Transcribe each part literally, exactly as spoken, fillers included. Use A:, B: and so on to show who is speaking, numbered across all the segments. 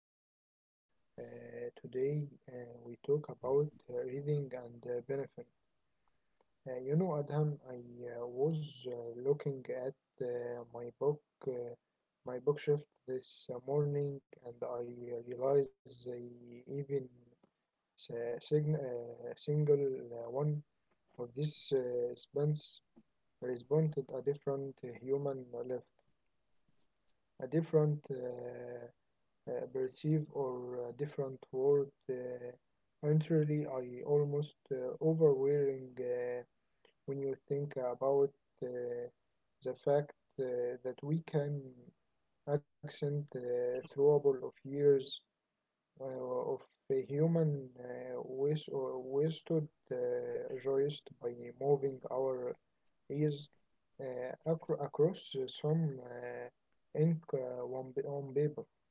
A: episode uh, today, uh, we talk about uh, reading and uh, benefit. Uh, you know, Adham, I uh, was uh, looking at uh, my book, uh, my bookshelf this uh, morning, and I uh, realized I even s- uh, sign- uh, single uh, one of these uh, spans responded a different human left, a different. Uh, uh, perceive or uh, different word. Uh, Actually, I almost uh, overwearing uh, when you think about uh, the fact uh, that we can accent uh, throughable of years uh, of a human uh, was- uh, wasted uh, joist by moving our ears uh, acro- across some uh, ink uh, on, on paper.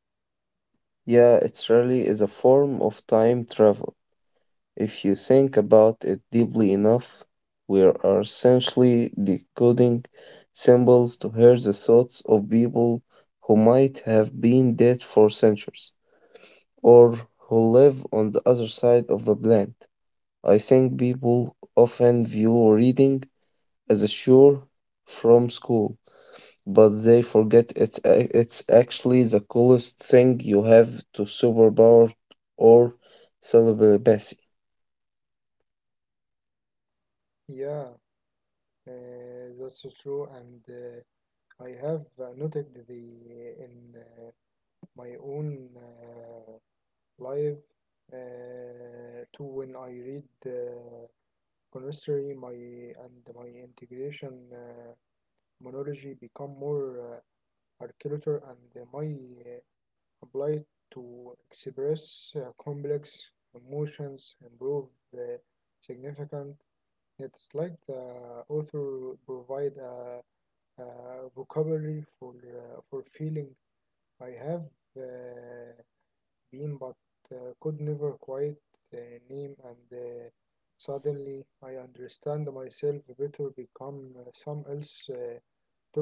B: Yeah, it really is a form of time travel. If you think about it deeply enough, we are essentially decoding symbols to hear the thoughts of people who might have been dead for centuries or who live on the other side of the planet. I think people often view reading as a chore from school but they forget it's a- it's actually the coolest thing you have to superpower or celebrity.
A: Yeah. Uh, that's so true, and uh, I have uh, noted the in uh, my own uh, life uh, too when I read uh, connoisseurry, my and my integration uh, monology become more uh, articulate and uh, my uh, ability to express uh, complex emotions improve uh, significant. It's like the author provide a uh, vocabulary for uh, for feeling. I have uh, been, but uh, could never quite uh, name. And uh, suddenly, I understand myself better. Become uh, some else uh,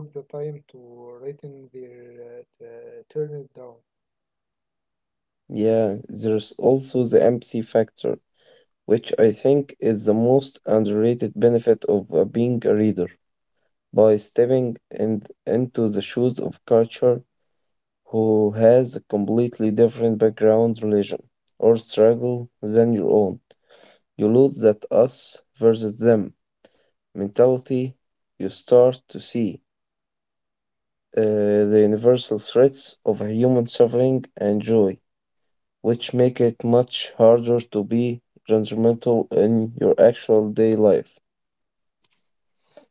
A: took the time to writing their uh, uh, turn it down.
B: Yeah, there's also the empathy factor, which I think is the most underrated benefit of uh, being a reader. By stepping in, into the shoes of culture who has a completely different background, religion, or struggle than your own, you lose that us versus them mentality. You start to see uh, the universal threats of human suffering and joy, which make it much harder to be judgmental in your actual day life.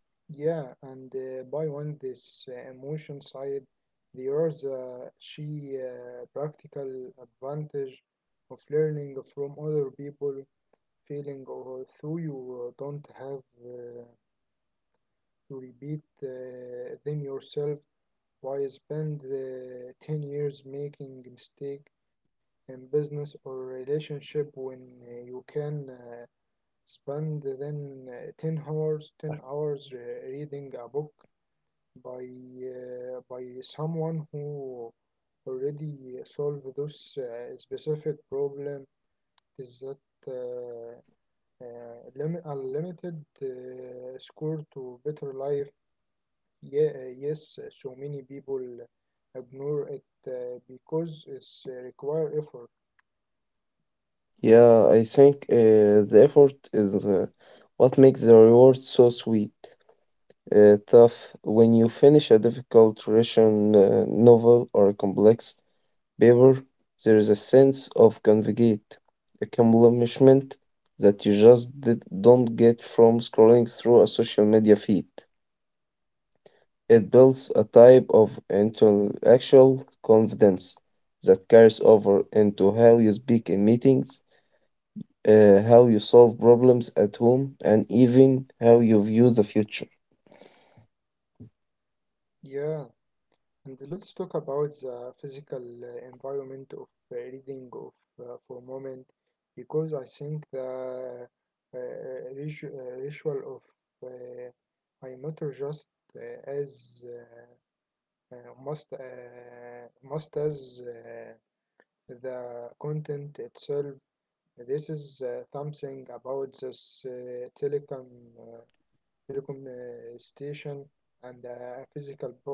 A: Yeah, and uh, by on this uh, emotion side, there is a she uh, practical advantage of learning from other people feeling or so you uh, don't have uh, to repeat uh, them yourself. Why spend uh, 10 years making mistake in business or relationship when uh, you can uh, spend then uh, 10 hours 10 hours uh, reading a book by uh, by someone who already solved this uh, specific problem بالذات آه، آه، lim- unlimited uh, score to better life. Yeah, uh, yes, uh, so many people ignore it uh, because it's uh, require effort.
B: Yeah, I think uh, the effort is uh, what makes the reward so sweet. Uh, tough when you finish a difficult Russian uh, novel or a complex paper, there is a sense of convigate, accomplishment that you just did, don't get from scrolling through a social media feed. It builds a type of intellectual confidence that carries over into how you speak in meetings, uh, how you solve problems at home, and even how you view the future.
A: Yeah, and let's talk about the physical uh, environment of uh, reading of uh, for a moment because I think the uh, ritu- uh, ritual of uh, I matter just uh, as uh, uh, must uh, must as uh, the content itself. This is uh, something about this uh, telecom uh, telecom uh, station and uh, a physical book.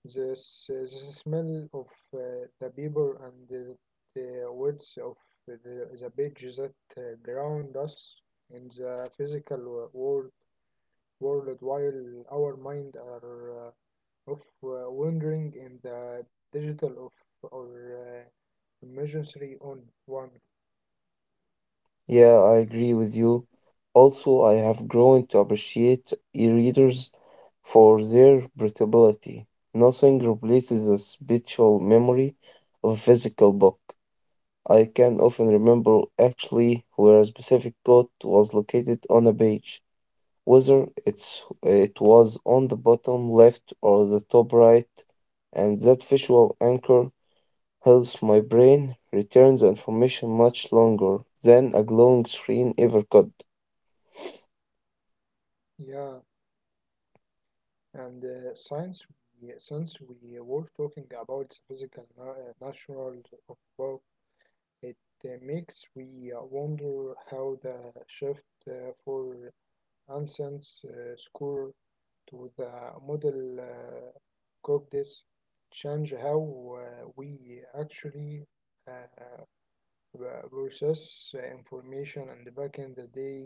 A: This uh, the smell of uh, the paper and the, the words of the, the page that uh, ground us in the physical world world while our mind are Uh, of uh, wandering in the digital of or uh, emergency on one.
B: Yeah, I agree with you. Also, I have grown to appreciate e-readers for their portability. Nothing replaces the spiritual memory of a physical book. I can often remember actually where a specific quote was located on a page, whether it's it was on the bottom left or the top right, and that visual anchor helps my brain retain the information much longer than a glowing screen ever could.
A: Yeah, and uh, since we since we were talking about physical na- uh, natural of book, it uh, makes we uh, wonder how the shift uh, for instance uh, score to the model uh, cooked this change how uh, we actually uh, uh, Versus uh, information and back in the day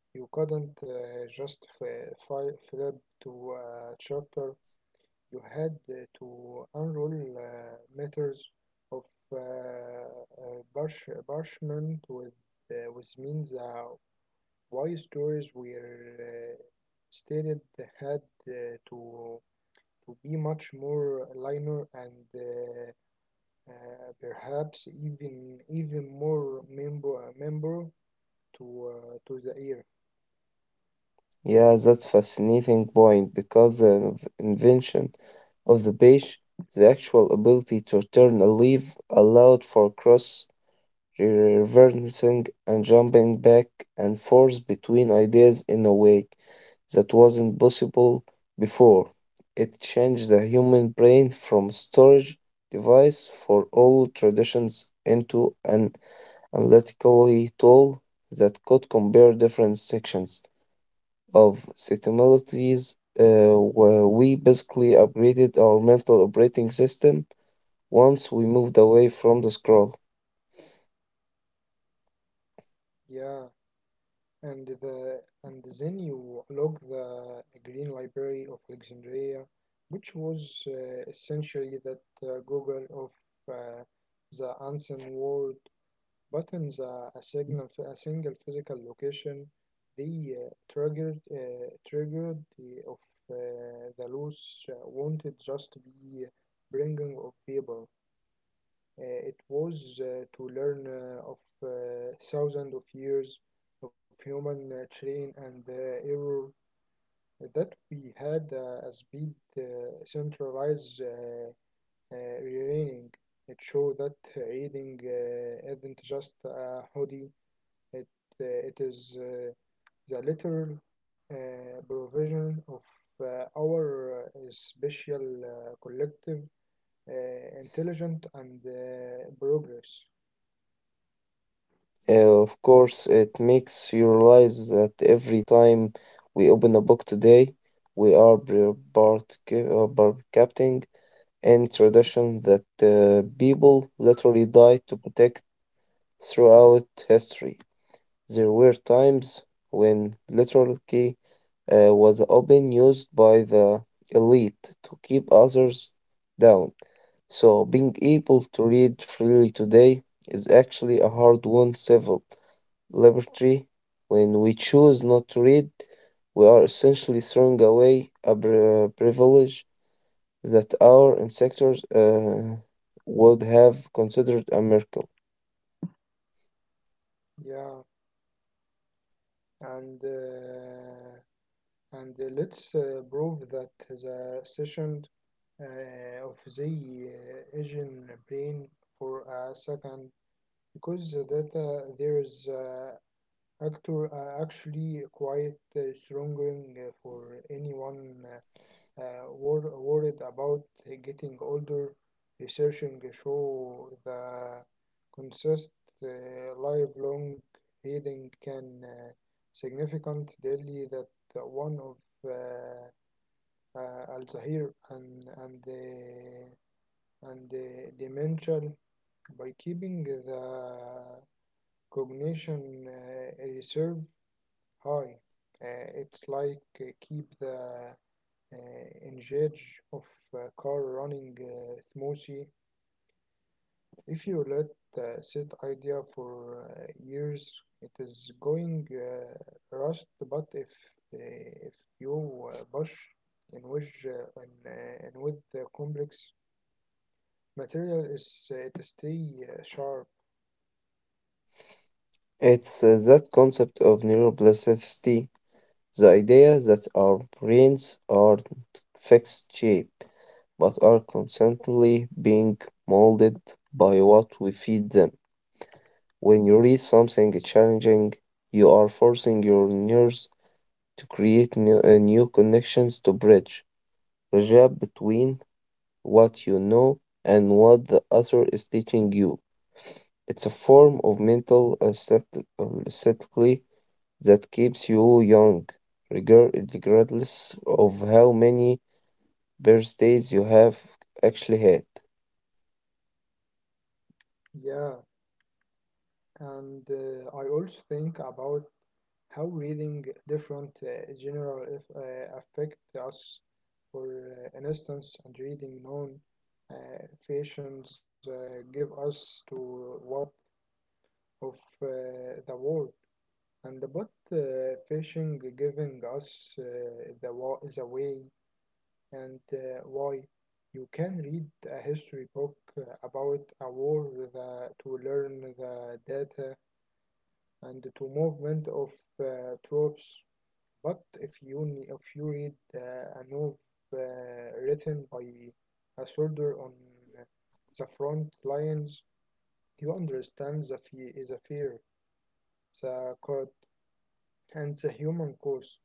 A: you couldn't uh, just f- fi- flip to a chapter you had uh, to unroll uh, meters of uh, uh, parch- parchment with uh, which means uh, why stories were uh, stated had uh, to to be much more linear and uh, uh, perhaps even even more member uh, member to uh, to the ear.
B: Yeah, that's fascinating point because the inv- invention of the page, the actual ability to turn a leaf, allowed for cross reversing and jumping back and forth between ideas in a way that wasn't possible before. It changed the human brain from storage device for all traditions into an analytical tool that could compare different sections of similes. Uh, where we basically upgraded our mental operating system once we moved away from the scroll.
A: Yeah, and the and then you unlock the Green Library of Alexandria, which was uh, essentially that uh, Google of uh, the ancient world. Buttons are a signal for a single physical location. They uh, triggered uh, triggered the of uh, the loose uh, wanted just be bringing of people. Uh, it was uh, to learn uh, of uh, thousands of years of human uh, train and uh, error that we had uh, a speed uh, centralized uh, uh, reading. It showed that uh, reading uh, isn't just a hobby it, uh, it is uh, the literal uh, provision of uh, our uh, special uh, collective uh, intelligent and uh, progress.
B: Uh, of course, it makes you realize that every time we open a book today, we are bar- barca- uh, barcapting and tradition that uh, people literally died to protect throughout history. There were times when literally uh, was often used by the elite to keep others down. So being able to read freely today is actually a hard-won civil liberty. When we choose not to read, we are essentially throwing away a pri- uh, privilege that our ancestors uh, would have considered a miracle.
A: Yeah, and uh, and uh, let's uh, prove that the session uh, of the uh, Asian brain for a second because the data there is uh, actor uh, actually quite uh, stronger for anyone. Uh, uh, wor- worried about getting older, researching show the consist uh, lifelong reading can uh, significant daily that one of uh, uh, Alzheimer and and uh, and uh, dementia by keeping the cognition uh, reserve high. Uh, it's like uh, keep the uh, engage of uh, car running uh, smoothie. If you let uh, sit idea for uh, years, it is going uh, rust. But if uh, if you uh, push in with uh, in, uh, in with the complex material, is uh, it stay uh, sharp?
B: It's uh, That concept of neuroplasticity, the idea that our brains aren't fixed shape, but are constantly being molded by what we feed them. When you read something challenging, you are forcing your nerves to create new, uh, new connections to bridge the gap between what you know and what the other is teaching you. It's a form of mental aesthetic, aesthetically that keeps you young, regar- regardless of how many birthdays you have actually had.
A: Yeah, and uh, I also think about how reading different uh, general uh, affect us. For uh, an instance, and reading known uh, fashions uh, give us to what of uh, the world, and but uh, fishing giving us uh, the wa- the way and uh, why. You can read a history book uh, about a war the, to learn the data and to movement of uh, troops. But if you ne- if you read uh, a novel uh, written by a soldier on the front lines, you understand the fear, the fear, the code, and the human cost.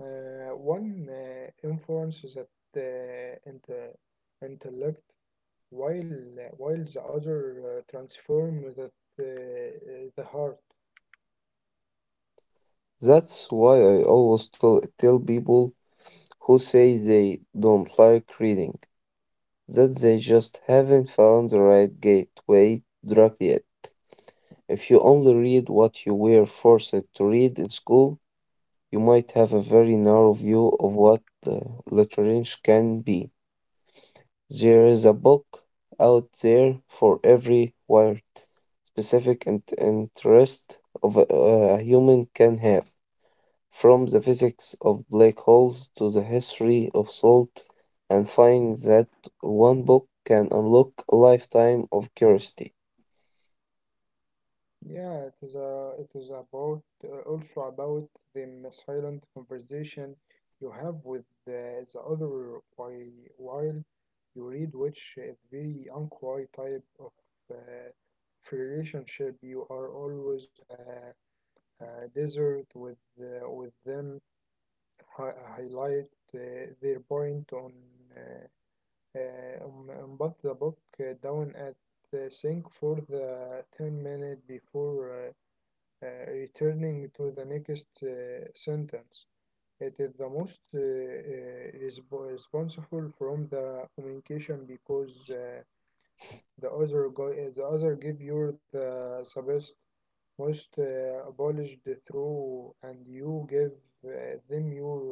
A: Uh, one uh, influence that uh, inte- intellect, while while the other uh, transform that uh, the heart.
B: That's why I always tell, tell people who say they don't like reading that they just haven't found the right gateway drug yet. If you only read what you were forced to read in school, you might have a very narrow view of what uh, literature can be. There is a book out there for every weird, specific and interest of a, a human can have, from the physics of black holes to the history of salt, and find that one book can unlock a lifetime of curiosity.
A: Yeah, it is a, it is about uh, also about the silent conversation you have with the, the other while while you read, which is very unquiet type of uh, relationship. You are always a, a desert with uh, with them. Hi- highlight uh, their point on uh, uh, on, on but the book uh, down at the sink for the ten minutes before. Uh, uh, returning to the next uh, sentence. It is the most uh, uh, resp- responsible from the communication because uh, the other go- uh, the other give you the best most uh, abolished through and you give uh, them your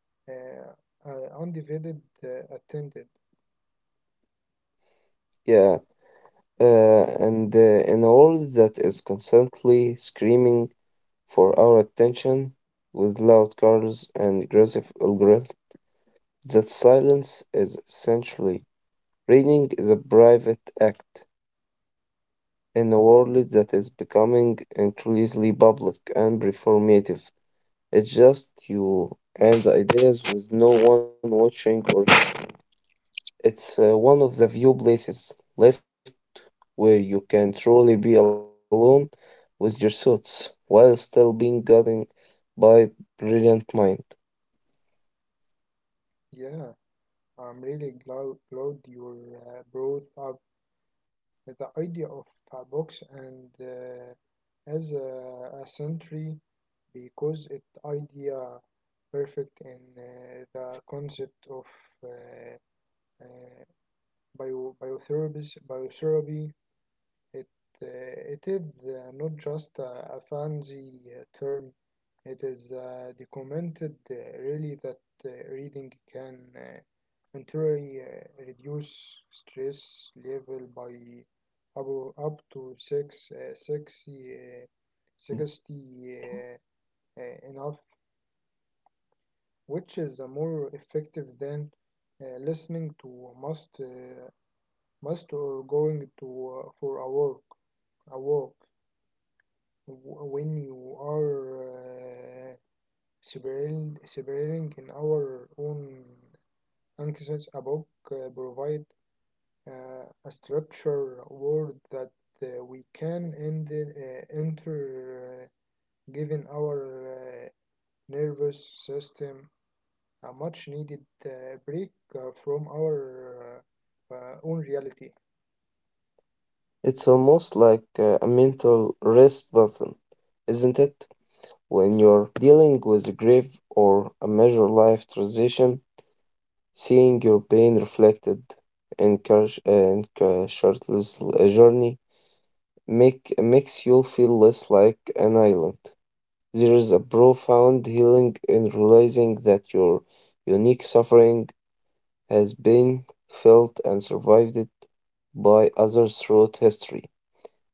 A: uh, uh, undivided uh, attended.
B: Yeah, uh, and uh, in a world that is constantly screaming for our attention with loud cars and aggressive algorithms, that silence is essentially reading is a private act in a world that is becoming increasingly public and performative. It's just you and the ideas with no one watching or. It's uh, one of the few places left where you can truly be alone with your thoughts while still being guided by brilliant mind.
A: Yeah, I'm really glad, glad you uh, brought up the idea of a box and uh, as a, a sentry because it idea perfect in uh, the concept of uh, uh, bio biotherapy biotherapy it uh, it is uh, not just a, a fancy uh, term it is uh, documented uh, really that uh, reading can uh, Contrary, uh, reduce stress level by up, up to six, uh, sixty, uh, sixty uh, uh, enough, which is uh, more effective than uh, listening to must, uh, must or going to uh, for a walk, a walk w- when you are uh, separating, in our own anxieties about uh, provide uh, a structure word that uh, we can end, uh, enter uh, giving our uh, nervous system a much needed uh, break uh, from our uh, uh, own reality.
B: It's almost like uh, a mental rest button, isn't it? When you're dealing with grief or a major life transition, seeing your pain reflected in courage and shirtless uh, journey make makes you feel less like an island. There is a profound healing in realizing that your unique suffering has been felt and survived it by others throughout history.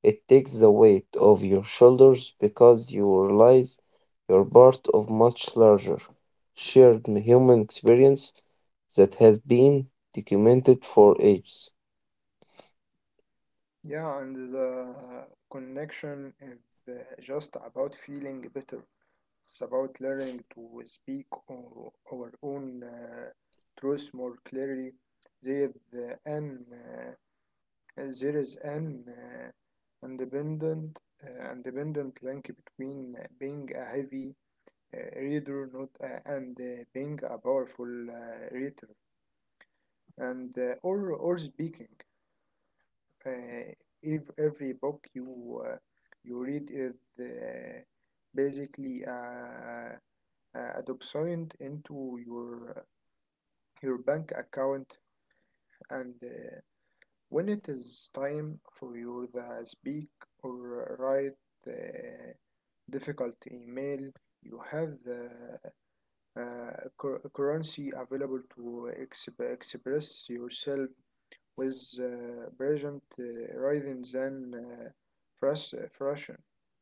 B: It takes the weight off your shoulders because you realize you're part of much larger, shared human experience that has been documented for ages.
A: Yeah, and the connection is uh, just about feeling better. It's about learning to speak o- our own uh, truth more clearly. There, the, an uh, Uh, There is an uh, independent, uh, independent link between uh, being a heavy uh, reader not, uh, and uh, being a powerful uh, reader, and uh, or or speaking. Uh, if every book you uh, you read is uh, basically a, a document into your uh, your bank account and uh, When it is time for you to speak or write the difficult email, you have the uh, cur- currency available to exp- express yourself with uh, present uh, rather than uh, frus- frustration.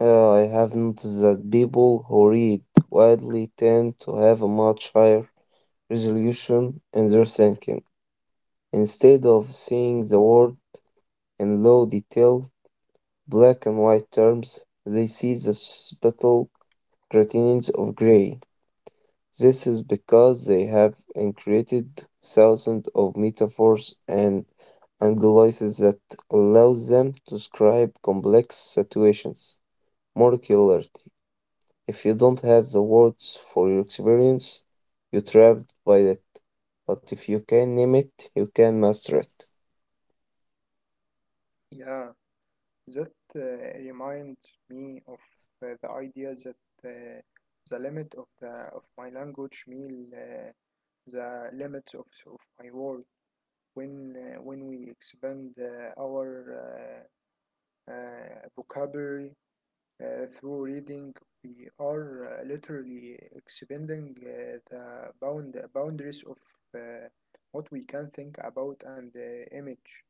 B: Uh, I have noticed that people who read widely tend to have a much higher resolution in their thinking. Instead of seeing the world in low detail, black and white terms, they see the subtle gradients of gray. This is because they have created thousands of metaphors and anglices that allows them to describe complex situations more clearly. If you don't have the words for your experience, you're trapped by it. But if you can name it, you can master it.
A: Yeah, that uh, reminds me of uh, the idea that uh, the limit of the of my language mean uh, the limits of, of my world. when uh, when we expand uh, our uh, uh, vocabulary uh, through reading, we are uh, literally expanding uh, the bound boundaries of uh, what we can think about and uh, image.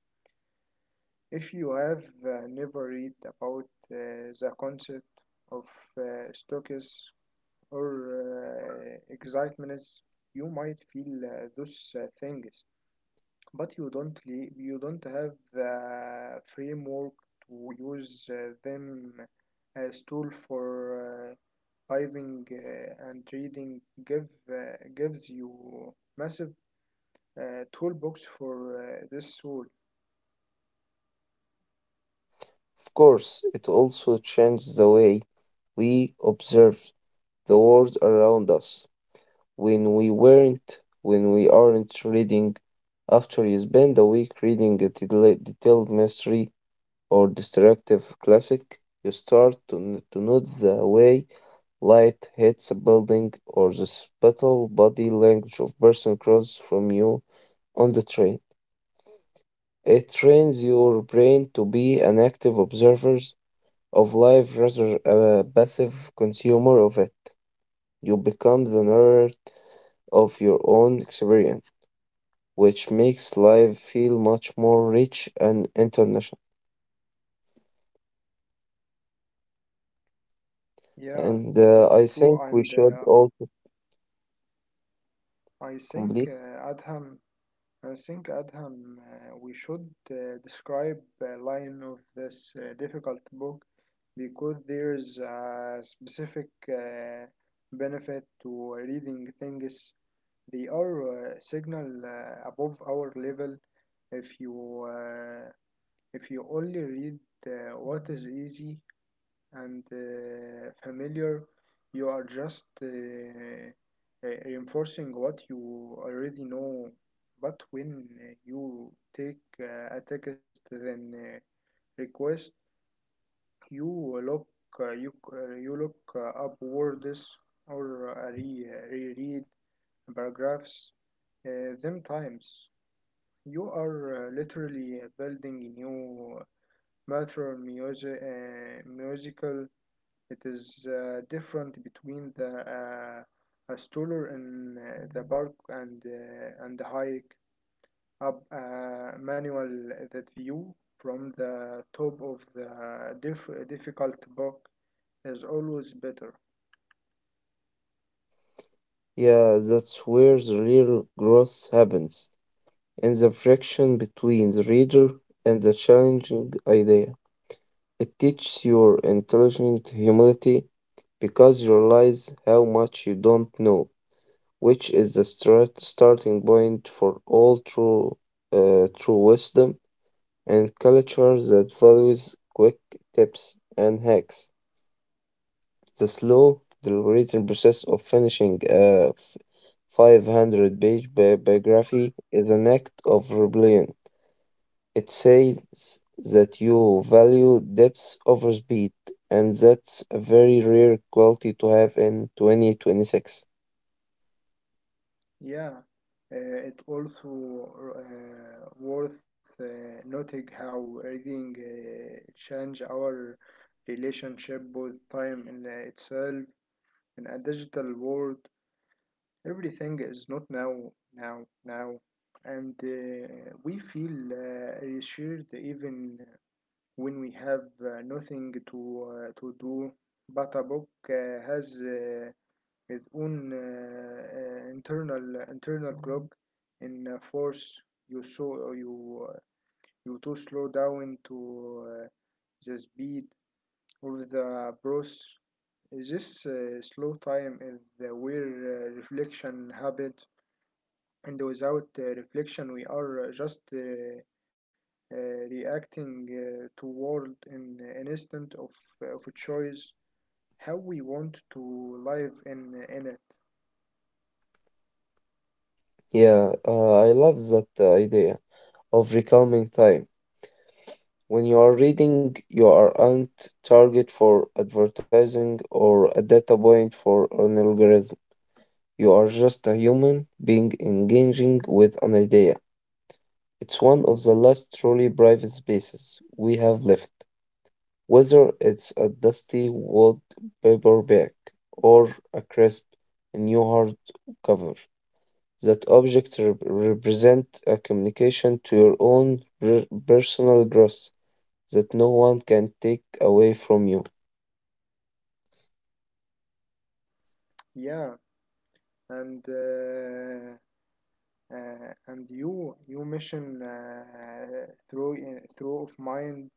A: If you have uh, never read about uh, the concept of uh, stoicism or uh, excitements, you might feel uh, those uh, things but you don't le- you don't have the framework to use uh, them as tool for uh, diving uh, and reading give uh, gives you massive uh, toolbox for uh, this tool.
B: Of course, it also changed the way we observe the world around us. When we weren't, when we aren't reading, after you spend a week reading a detail- detailed mystery or destructive classic, you start to, n- to note the way light hits a building or the subtle body language of person across from you on the train. It trains your brain to be an active observer of life rather a passive consumer of it. You become the narrator of your own experience, which makes life feel much more rich and international.
A: Yeah,
B: And
A: that's
B: uh,
A: true
B: I
A: and
B: think we
A: uh,
B: should also
A: i think
B: complete.
A: uh, adham I think, Adham, uh, we should uh, describe a line of this uh, difficult book because there's a specific uh, benefit to reading things. They are uh, signal uh, above our level. If you uh, if you only read uh, what is easy and uh, familiar, you are just uh, uh, reinforcing what you already know. But when uh, you take uh, a text then uh, request, you look uh, you uh, you look uh, up words or uh, re- uh, reread paragraphs uh, them times. You are uh, literally building a new uh, bathroom music, uh, musical it is uh, different between the uh, a stroller in uh, the park and uh, and the hike up a manual that view from the top of the diff- difficult book is always better.
B: Yeah, that's where the real growth happens, in the friction between the reader and the challenging idea. It teaches your intelligent humility because you realize how much you don't know, which is the start, starting point for all true, uh, true wisdom and culture that values quick tips and hacks. The slow, deliberating process of finishing a five hundred page bi- biography is an act of rebellion. It says that you value depth over speed, and that's a very rare quality to have in twenty twenty-six.
A: Yeah, uh, it also uh, worth uh, noting how reading uh, change our relationship with time in itself in a digital world. Everything is not now, now, now, and uh, we feel uh, reassured even when we have uh, nothing to uh, to do. But a book uh, has uh, its own uh, uh, internal internal clock in uh, force you, so you uh, you to slow down to uh, the speed of the process. This uh, slow time is uh, where uh, reflection happens, and without uh, reflection we are uh, just uh, uh, reacting uh, toward an, an instant of, uh, of a choice how we want to live in in it.
B: Yeah, uh, I love that idea of reclaiming time. When you are reading, you aren't target for advertising or a data point for an algorithm. You are just a human being engaging with an idea. It's one of the last truly private spaces we have left, whether it's a dusty wood paperback or a crisp new hardcover. That object rep- represent a communication to your own re- personal growth that no one can take away from you.
A: Yeah, and uh, uh, and you you mention uh, through uh, through of mind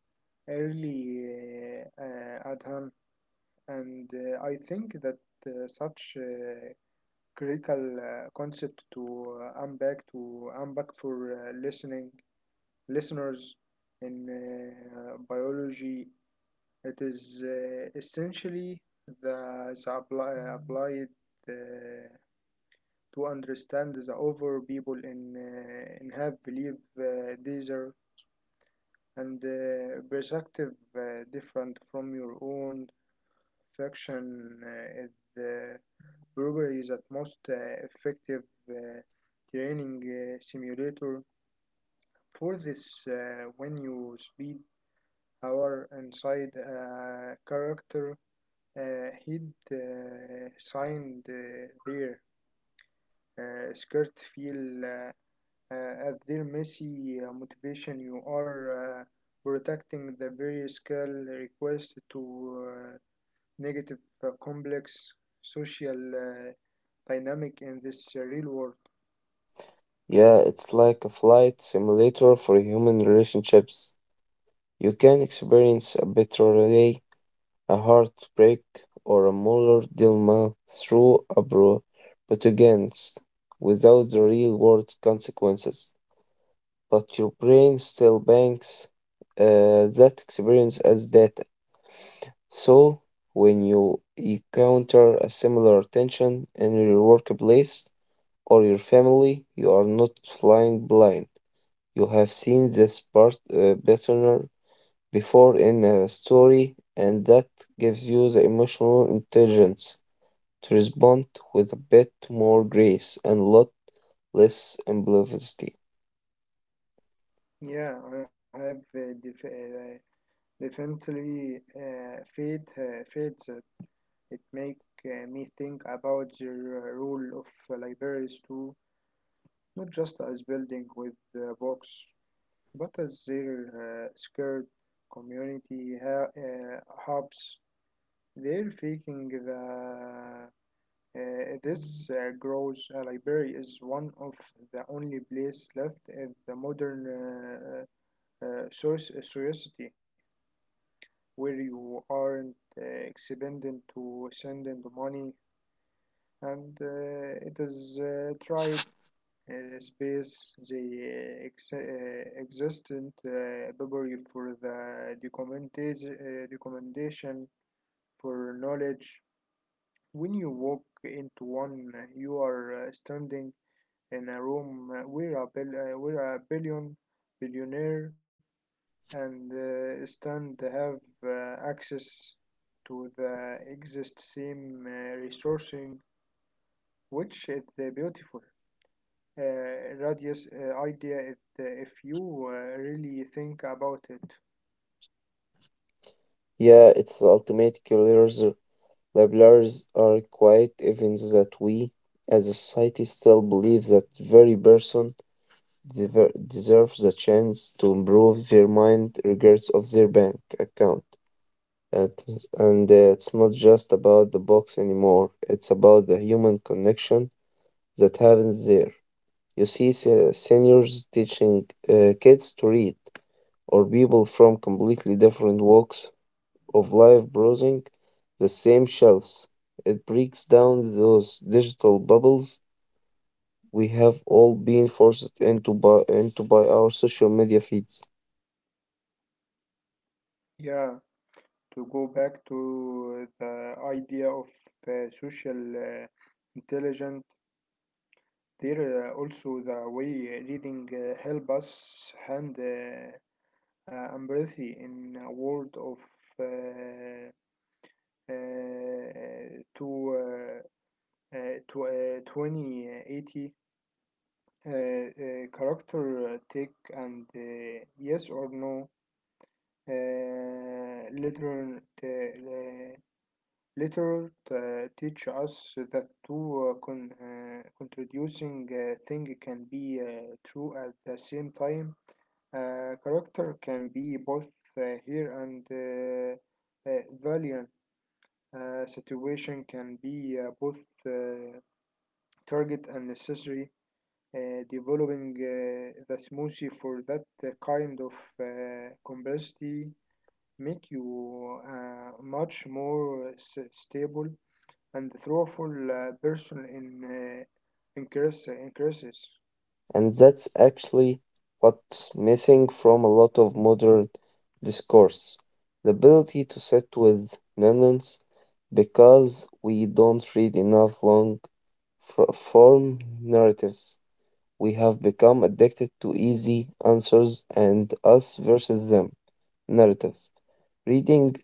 A: early uh, uh, at, and uh, I think that uh, such uh, critical uh, concept to uh, unpack to unpack for uh, listening listeners in uh, biology. It is uh, essentially the, the apply, applied uh, to understand the over people in uh, in have believe uh, these are and uh, perspective uh, different from your own. Fiction uh, is uh, Blooper is at most uh, effective uh, training uh, simulator for this uh, when you speed our inside a character, uh, he'd uh, signed uh, their uh, skirt feel uh, uh, at their messy uh, motivation, you are uh, protecting the very skill request to uh, negative uh, complex social uh, dynamic in this uh, real world.
B: Yeah, it's like a flight simulator for human relationships. You can experience a betrayal, a heartbreak, or a moral dilemma through a bro, but against, without the real world consequences. But your brain still banks uh, that experience as data. So, when you encounter a similar tension in your workplace, or your family, you are not flying blind. You have seen this part, uh, pattern before in a story, and that gives you the emotional intelligence to respond with a bit more grace and lot less impulsivity.
A: Yeah, I have uh, def- uh, definitely uh, faith uh, faith that it make uh, me think about the r- role of libraries too, not just as building with uh, books, but as their uh, scared community ha- uh, hubs. They're faking the uh, this uh, grows a library is one of the only place left in the modern uh, uh, soci- society where you aren't uh, expending to sending the money, and uh, it is uh, tried uh, space the uh, ex- uh, existent uh, library for the documentation, uh, documentation for knowledge. When you walk into one you are uh, standing in a room uh, where a, bill, uh, where a billion billionaire, and uh, stand have uh, access to the exist same uh, resourcing, which is uh, beautiful uh, radius uh, idea if, uh, if you uh, really think about it.
B: Yeah, it's the ultimate killers. Labelers are quite even that we, as a society, still believe that very person dever- deserve the chance to improve their mind regards of their bank account. And, and uh, it's not just about the box anymore, it's about the human connection that happens there. You see se- seniors teaching uh, kids to read, or people from completely different walks of life browsing the same shelves. It breaks down those digital bubbles we have all been forced into by into by our social media feeds.
A: Yeah, to go back to the idea of uh, social uh, intelligence, there uh, also the way reading uh, help us hand uh, uh, empathy in a world of uh, Uh, to uh, uh, to twenty eighty uh uh, character eh, take and uh, yes or no uh literal t- uh, literal t- teach us that two uh, con- uh, contradicting uh, thing can be uh, true at the same time. Uh, character can be both uh, here and uh, uh, valiant. Uh, situation can be uh, both uh, target and necessary. Uh, developing uh, the smoothie for that uh, kind of uh, complexity make you uh, much more uh, s- stable and thoughtful uh, person in uh, increase, increases.
B: And that's actually what's missing from a lot of modern discourse, the ability to sit with nuance because we don't read enough long fr- form narratives. We have become addicted to easy answers and us versus them narratives. Reading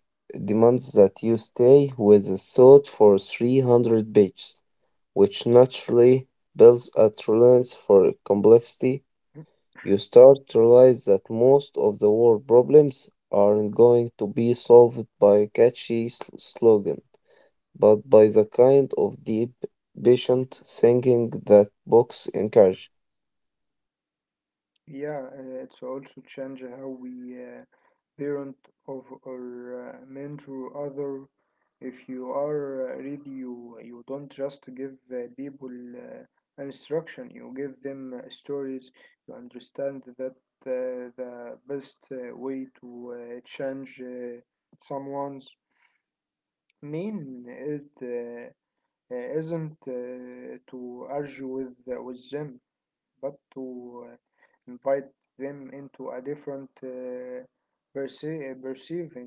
B: demands that you stay with a thought for three hundred pages, which naturally builds a tolerance for complexity. You start to realize that most of the world problems aren't going to be solved by catchy sl- slogan, but by the kind of deep, patient thinking that books encourage.
A: Yeah, uh, it's also change how we uh, parent of or uh, mentor other. If you are uh, ready, you you don't just give uh, people uh, instruction. You give them uh, stories. You understand that uh, the best uh, way to uh, change uh, someone's mean it uh, uh, isn't uh, to argue with uh, with them but to uh, invite them into a different uh, perce- uh, perceiving.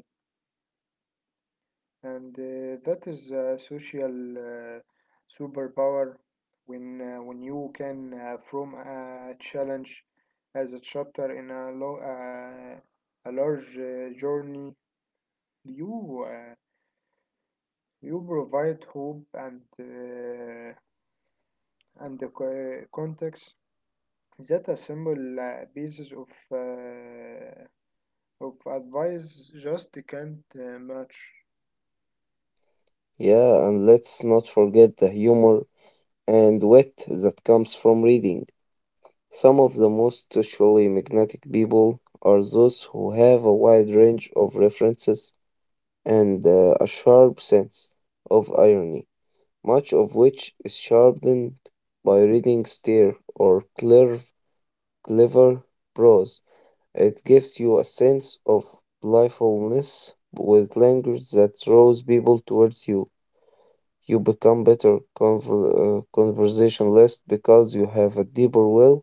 A: And uh, that is a social uh, superpower when, uh, when you can, uh, from a challenge as a chapter in a, lo- uh, a large uh, journey, you, uh, you provide hope and, uh, and the co- context that a simple uh, basis of uh, of advice just can't uh, match.
B: Yeah, and let's not forget the humor and wit that comes from reading. Some of the most socially magnetic people are those who have a wide range of references and uh, a sharp sense of irony, much of which is sharpened by reading stare or clever, clever prose. It gives you a sense of playfulness with language that draws people towards you. You become better conver- uh, conversationalist because you have a deeper well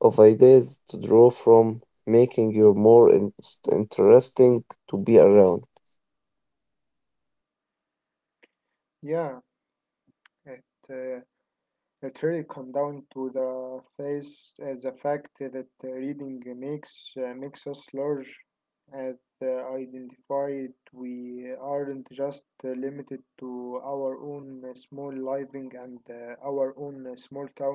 B: of ideas to draw from, making you more in- interesting to be around.
A: Yeah, it uh, it really come down to the face uh, the fact that uh, reading makes uh, makes us large, and uh, identified we aren't just uh, limited to our own uh, small living and uh, our own uh, small town.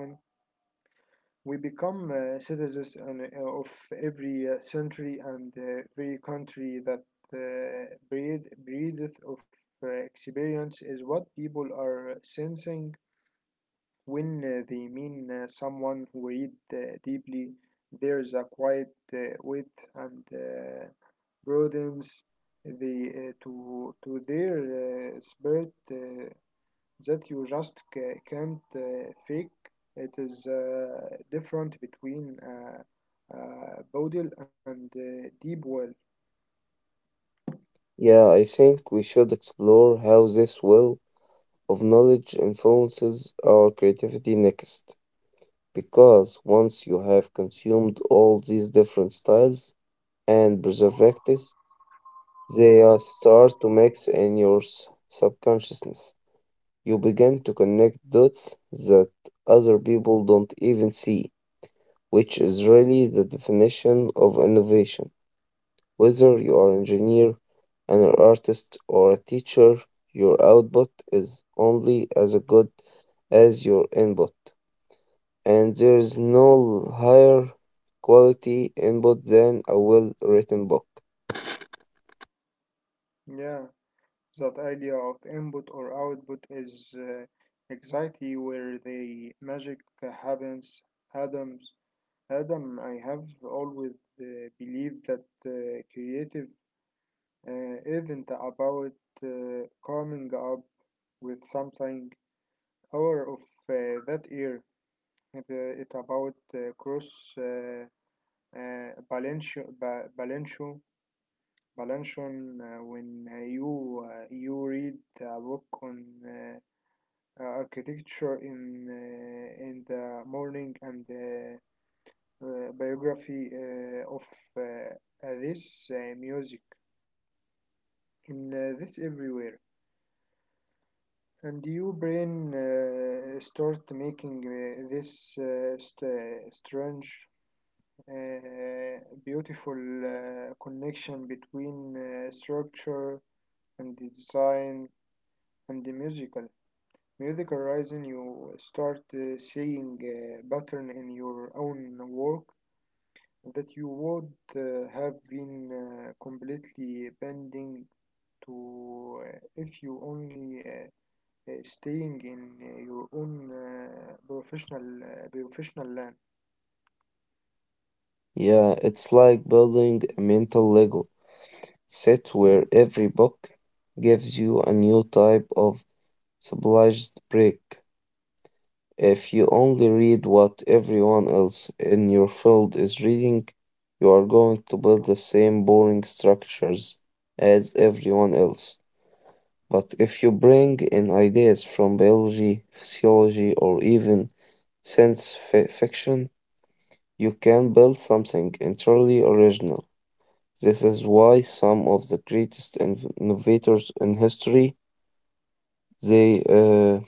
A: We become uh, citizens on, uh, of every uh, century and uh, every country that uh, breed, breedeth of uh, experience is what people are sensing when uh, they mean uh, someone who read uh, deeply. There's a quiet uh, width and uh, broadens the, uh, to, to their uh, spirit Uh, that you just ca- can't uh, fake. It is uh, different between uh, uh, Bodil and uh, Deep Well.
B: Yeah, I think we should explore how this will of knowledge influences our creativity next. Because once you have consumed all these different styles and preservatives, they are start to mix in your s- subconsciousness. You begin to connect dots that other people don't even see, which is really the definition of innovation. Whether you are an engineer, an artist, or a teacher, your output is only as good as your input, and there is no higher quality input than a well written book.
A: Yeah, that idea of input or output is uh, exactly where the magic happens. Adams, Adam, I have always uh, believed that uh, creative uh, isn't about uh, coming up with something out of uh, that ear. The, it about uh, cross uh, uh, balance ba- balance balance uh, when uh, you uh, you read a book on uh, uh, architecture in uh, in the morning and uh, uh, biography uh, of uh, uh, this uh, music in uh, this everywhere, and your brain uh, start making uh, this uh, st- strange uh, beautiful uh, connection between uh, structure and the design and the musical. Musical rising, you start uh, seeing a pattern in your own work that you would uh, have been uh, completely bending to uh, if you only uh, uh, staying in uh, your own uh, professional uh, professional land.
B: Yeah, it's like building a mental Lego set where every book gives you a new type of civilized brick. If you only read what everyone else in your field is reading, you are going to build the same boring structures as everyone else. But if you bring in ideas from biology, physiology, or even science fi- fiction, you can build something entirely original. This is why some of the greatest inv- innovators in history they uh,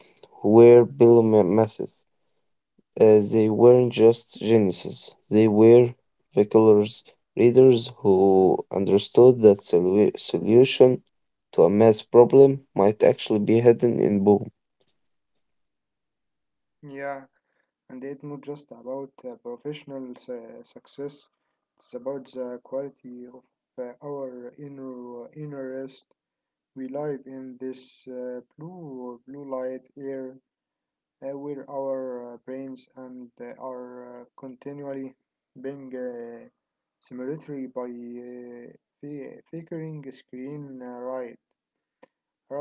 B: were billionaires. Uh, they weren't just geniuses; they were visioners, readers who understood that solu- solution to a math problem might actually be hidden in boom.
A: Yeah. And it's not just about uh, professional su- success, it's about the quality of uh, our inner inner rest. We live in this uh, blue blue light air uh, where our uh, brains and uh, are uh, continually being uh, stimulated by uh, fi- flickering screen uh, right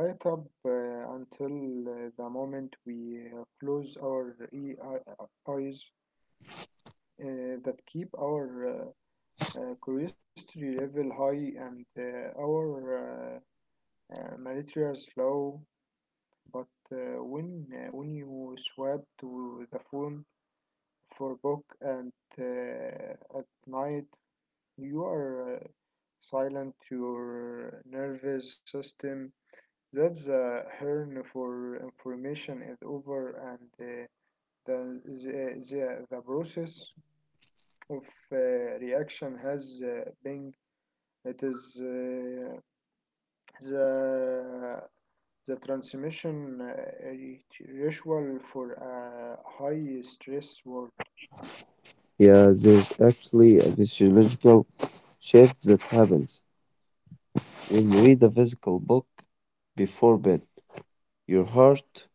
A: right up uh, until uh, the moment we uh, close our e- uh, eyes uh, that keep our uh, uh, curiosity level high and uh, our uh, uh, malaria low. But uh, when uh, when you swap to the phone for book and uh, at night, you are uh, silent your nervous system. That's a hern for information is over, and uh, the, the, the, the process of uh, reaction has uh, been. It is uh, the the transmission uh, ritual for a high stress work.
B: Yeah, there's actually a physiological shift that happens. When you read a physical book before bed, your heart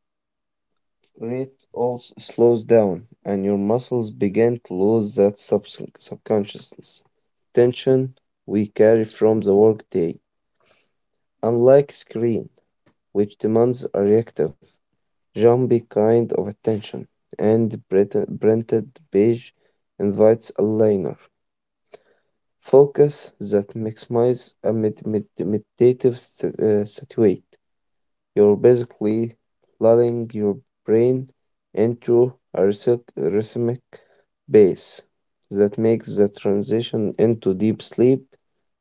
B: rate also slows down and your muscles begin to lose that subs- subconscious tension we carry from the workday. Unlike screen, which demands a reactive, jumpy kind of attention, and printed printed page invites a liner focus that maximize a med- med- meditative st- uh, situate. You're basically lulling your brain into a rhythmic rhythmic pace that makes the transition into deep sleep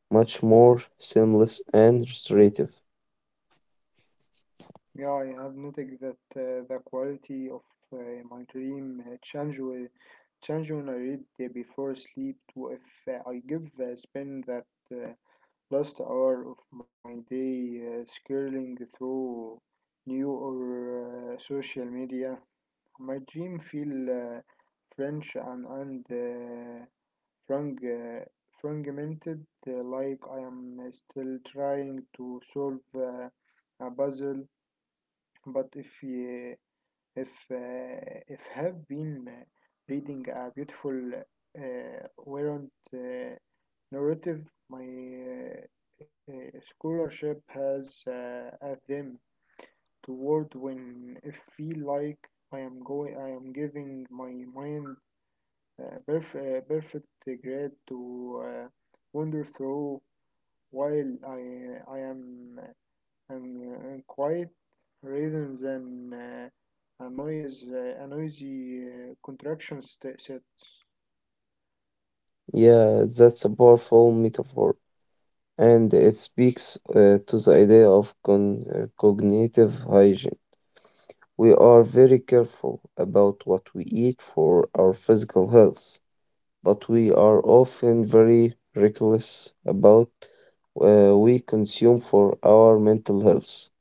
B: much more seamless and restorative.
A: Yeah, I have noticed that uh, the quality of uh, my dream uh, change with change when I read uh, before sleep to if uh, I give uh, spend that uh, last hour of my day uh, scrolling through new or uh, social media. My dream feel uh, French and and uh, frag- uh, fragmented, uh, like I am uh, still trying to solve uh, a puzzle. But if you, if uh, if have been uh, reading a beautiful uh, warrant uh, narrative, my uh, uh, scholarship has uh, at them. Toward when I feel like I am going, I am giving my mind a perf- a perfect grade to uh, wander through while I I am am and quiet rather than uh, a noise uh, a noisy uh, contraction st- sets.
B: Yeah, that's a powerful metaphor, and it speaks uh, to the idea of con- uh, cognitive hygiene. We are very careful about what we eat for our physical health, but we are often very reckless about uh, we consume for our mental health.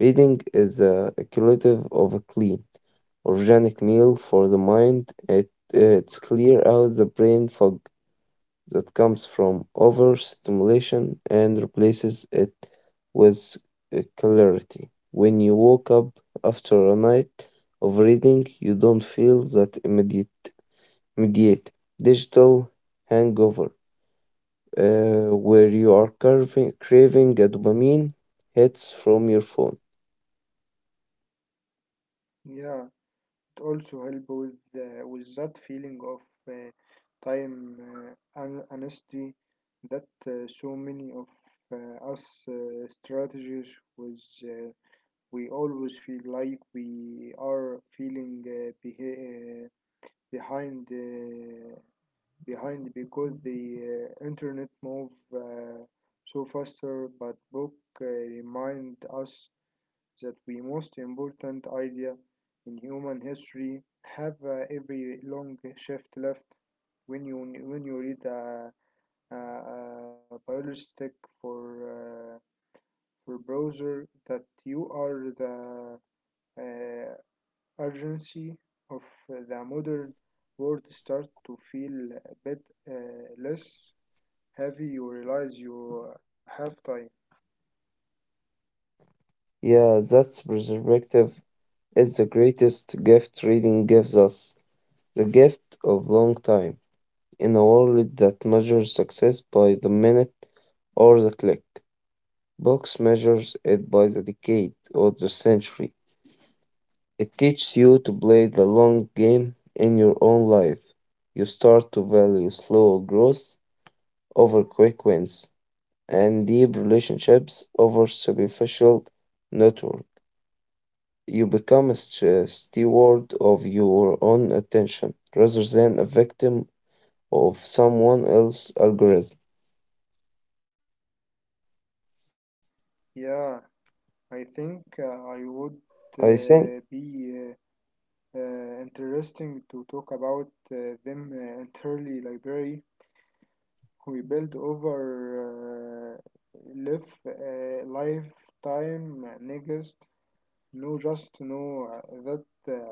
B: Reading is the equivalent of a clean, organic meal for the mind. It, it's clear out the brain fog that comes from overstimulation and replaces it with uh, clarity. When you woke up after a night of reading, you don't feel that immediate, immediate digital hangover uh, where you are carving, craving a dopamine hits from your phone.
A: Yeah, it also help with uh, with that feeling of uh, time uh, and honesty that uh, so many of uh, us uh, strategists was uh, we always feel like we are feeling uh, behi- uh, behind uh, behind because the uh, internet move uh, so faster, but book uh, remind us that the most important idea in human history have uh, every long shift left. When you when you read a uh, uh, parallel stick for uh, for browser, that you are the uh, urgency of the modern world start to feel a bit uh, less heavy. You realize you have time.
B: Yeah, that's perspective. It's the greatest gift reading gives us, the gift of long time in a world that measures success by the minute or the click. Box measures it by the decade or the century. It teaches you to play the long game in your own life. You start to value slow growth over quick wins and deep relationships over superficial network. You become a st- steward of your own attention rather than a victim of someone else's algorithm.
A: Yeah, I think uh, I would
B: I
A: uh,
B: think
A: be uh, uh, interesting to talk about uh, them uh, entirely library. We build over uh, live uh, lifetime niggas know just know uh, that uh, book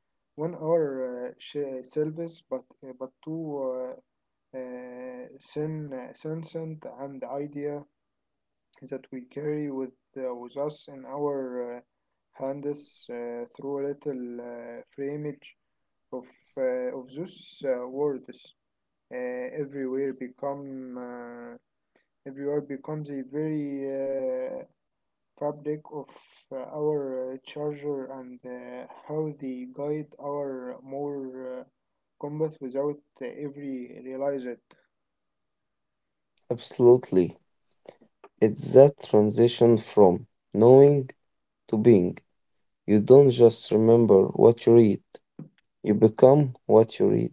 A: one hour uh, sh- service, but uh, but two uh, uh, sin uh, sentient and idea that we carry with uh, with us in our uh, hands uh, through a little uh, framage of uh, of those uh, words uh, everywhere become. Uh, Everywhere becomes a very uh, fabric of uh, our uh, charger and uh, how they guide our more uh, combat without uh, every realize it.
B: absolutely. It's that transition from knowing to being. You don't just remember what you read, you become what you read.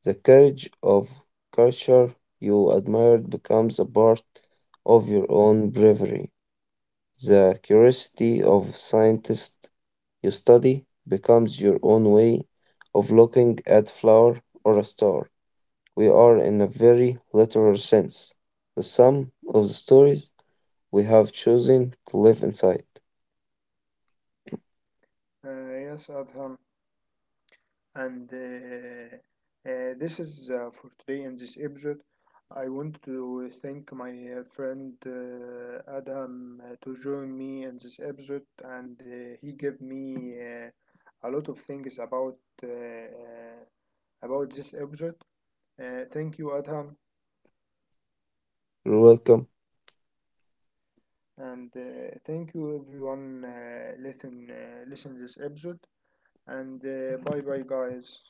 B: The courage of culture you admired becomes a part of your own bravery. The curiosity of scientists you study becomes your own way of looking at flower or a star. We are in a very literal sense, the sum of the stories we have chosen to live inside.
A: Uh, yes, Adham. And uh, uh, this is uh, for today in this episode. I want to thank my uh, friend uh, Adam uh, to join me in this episode, and uh, he gave me uh, a lot of things about uh, uh, about this episode. Uh, thank you, Adham,
B: You're welcome.
A: and uh, thank you everyone uh, listen uh, listen this episode. And uh, bye bye, guys.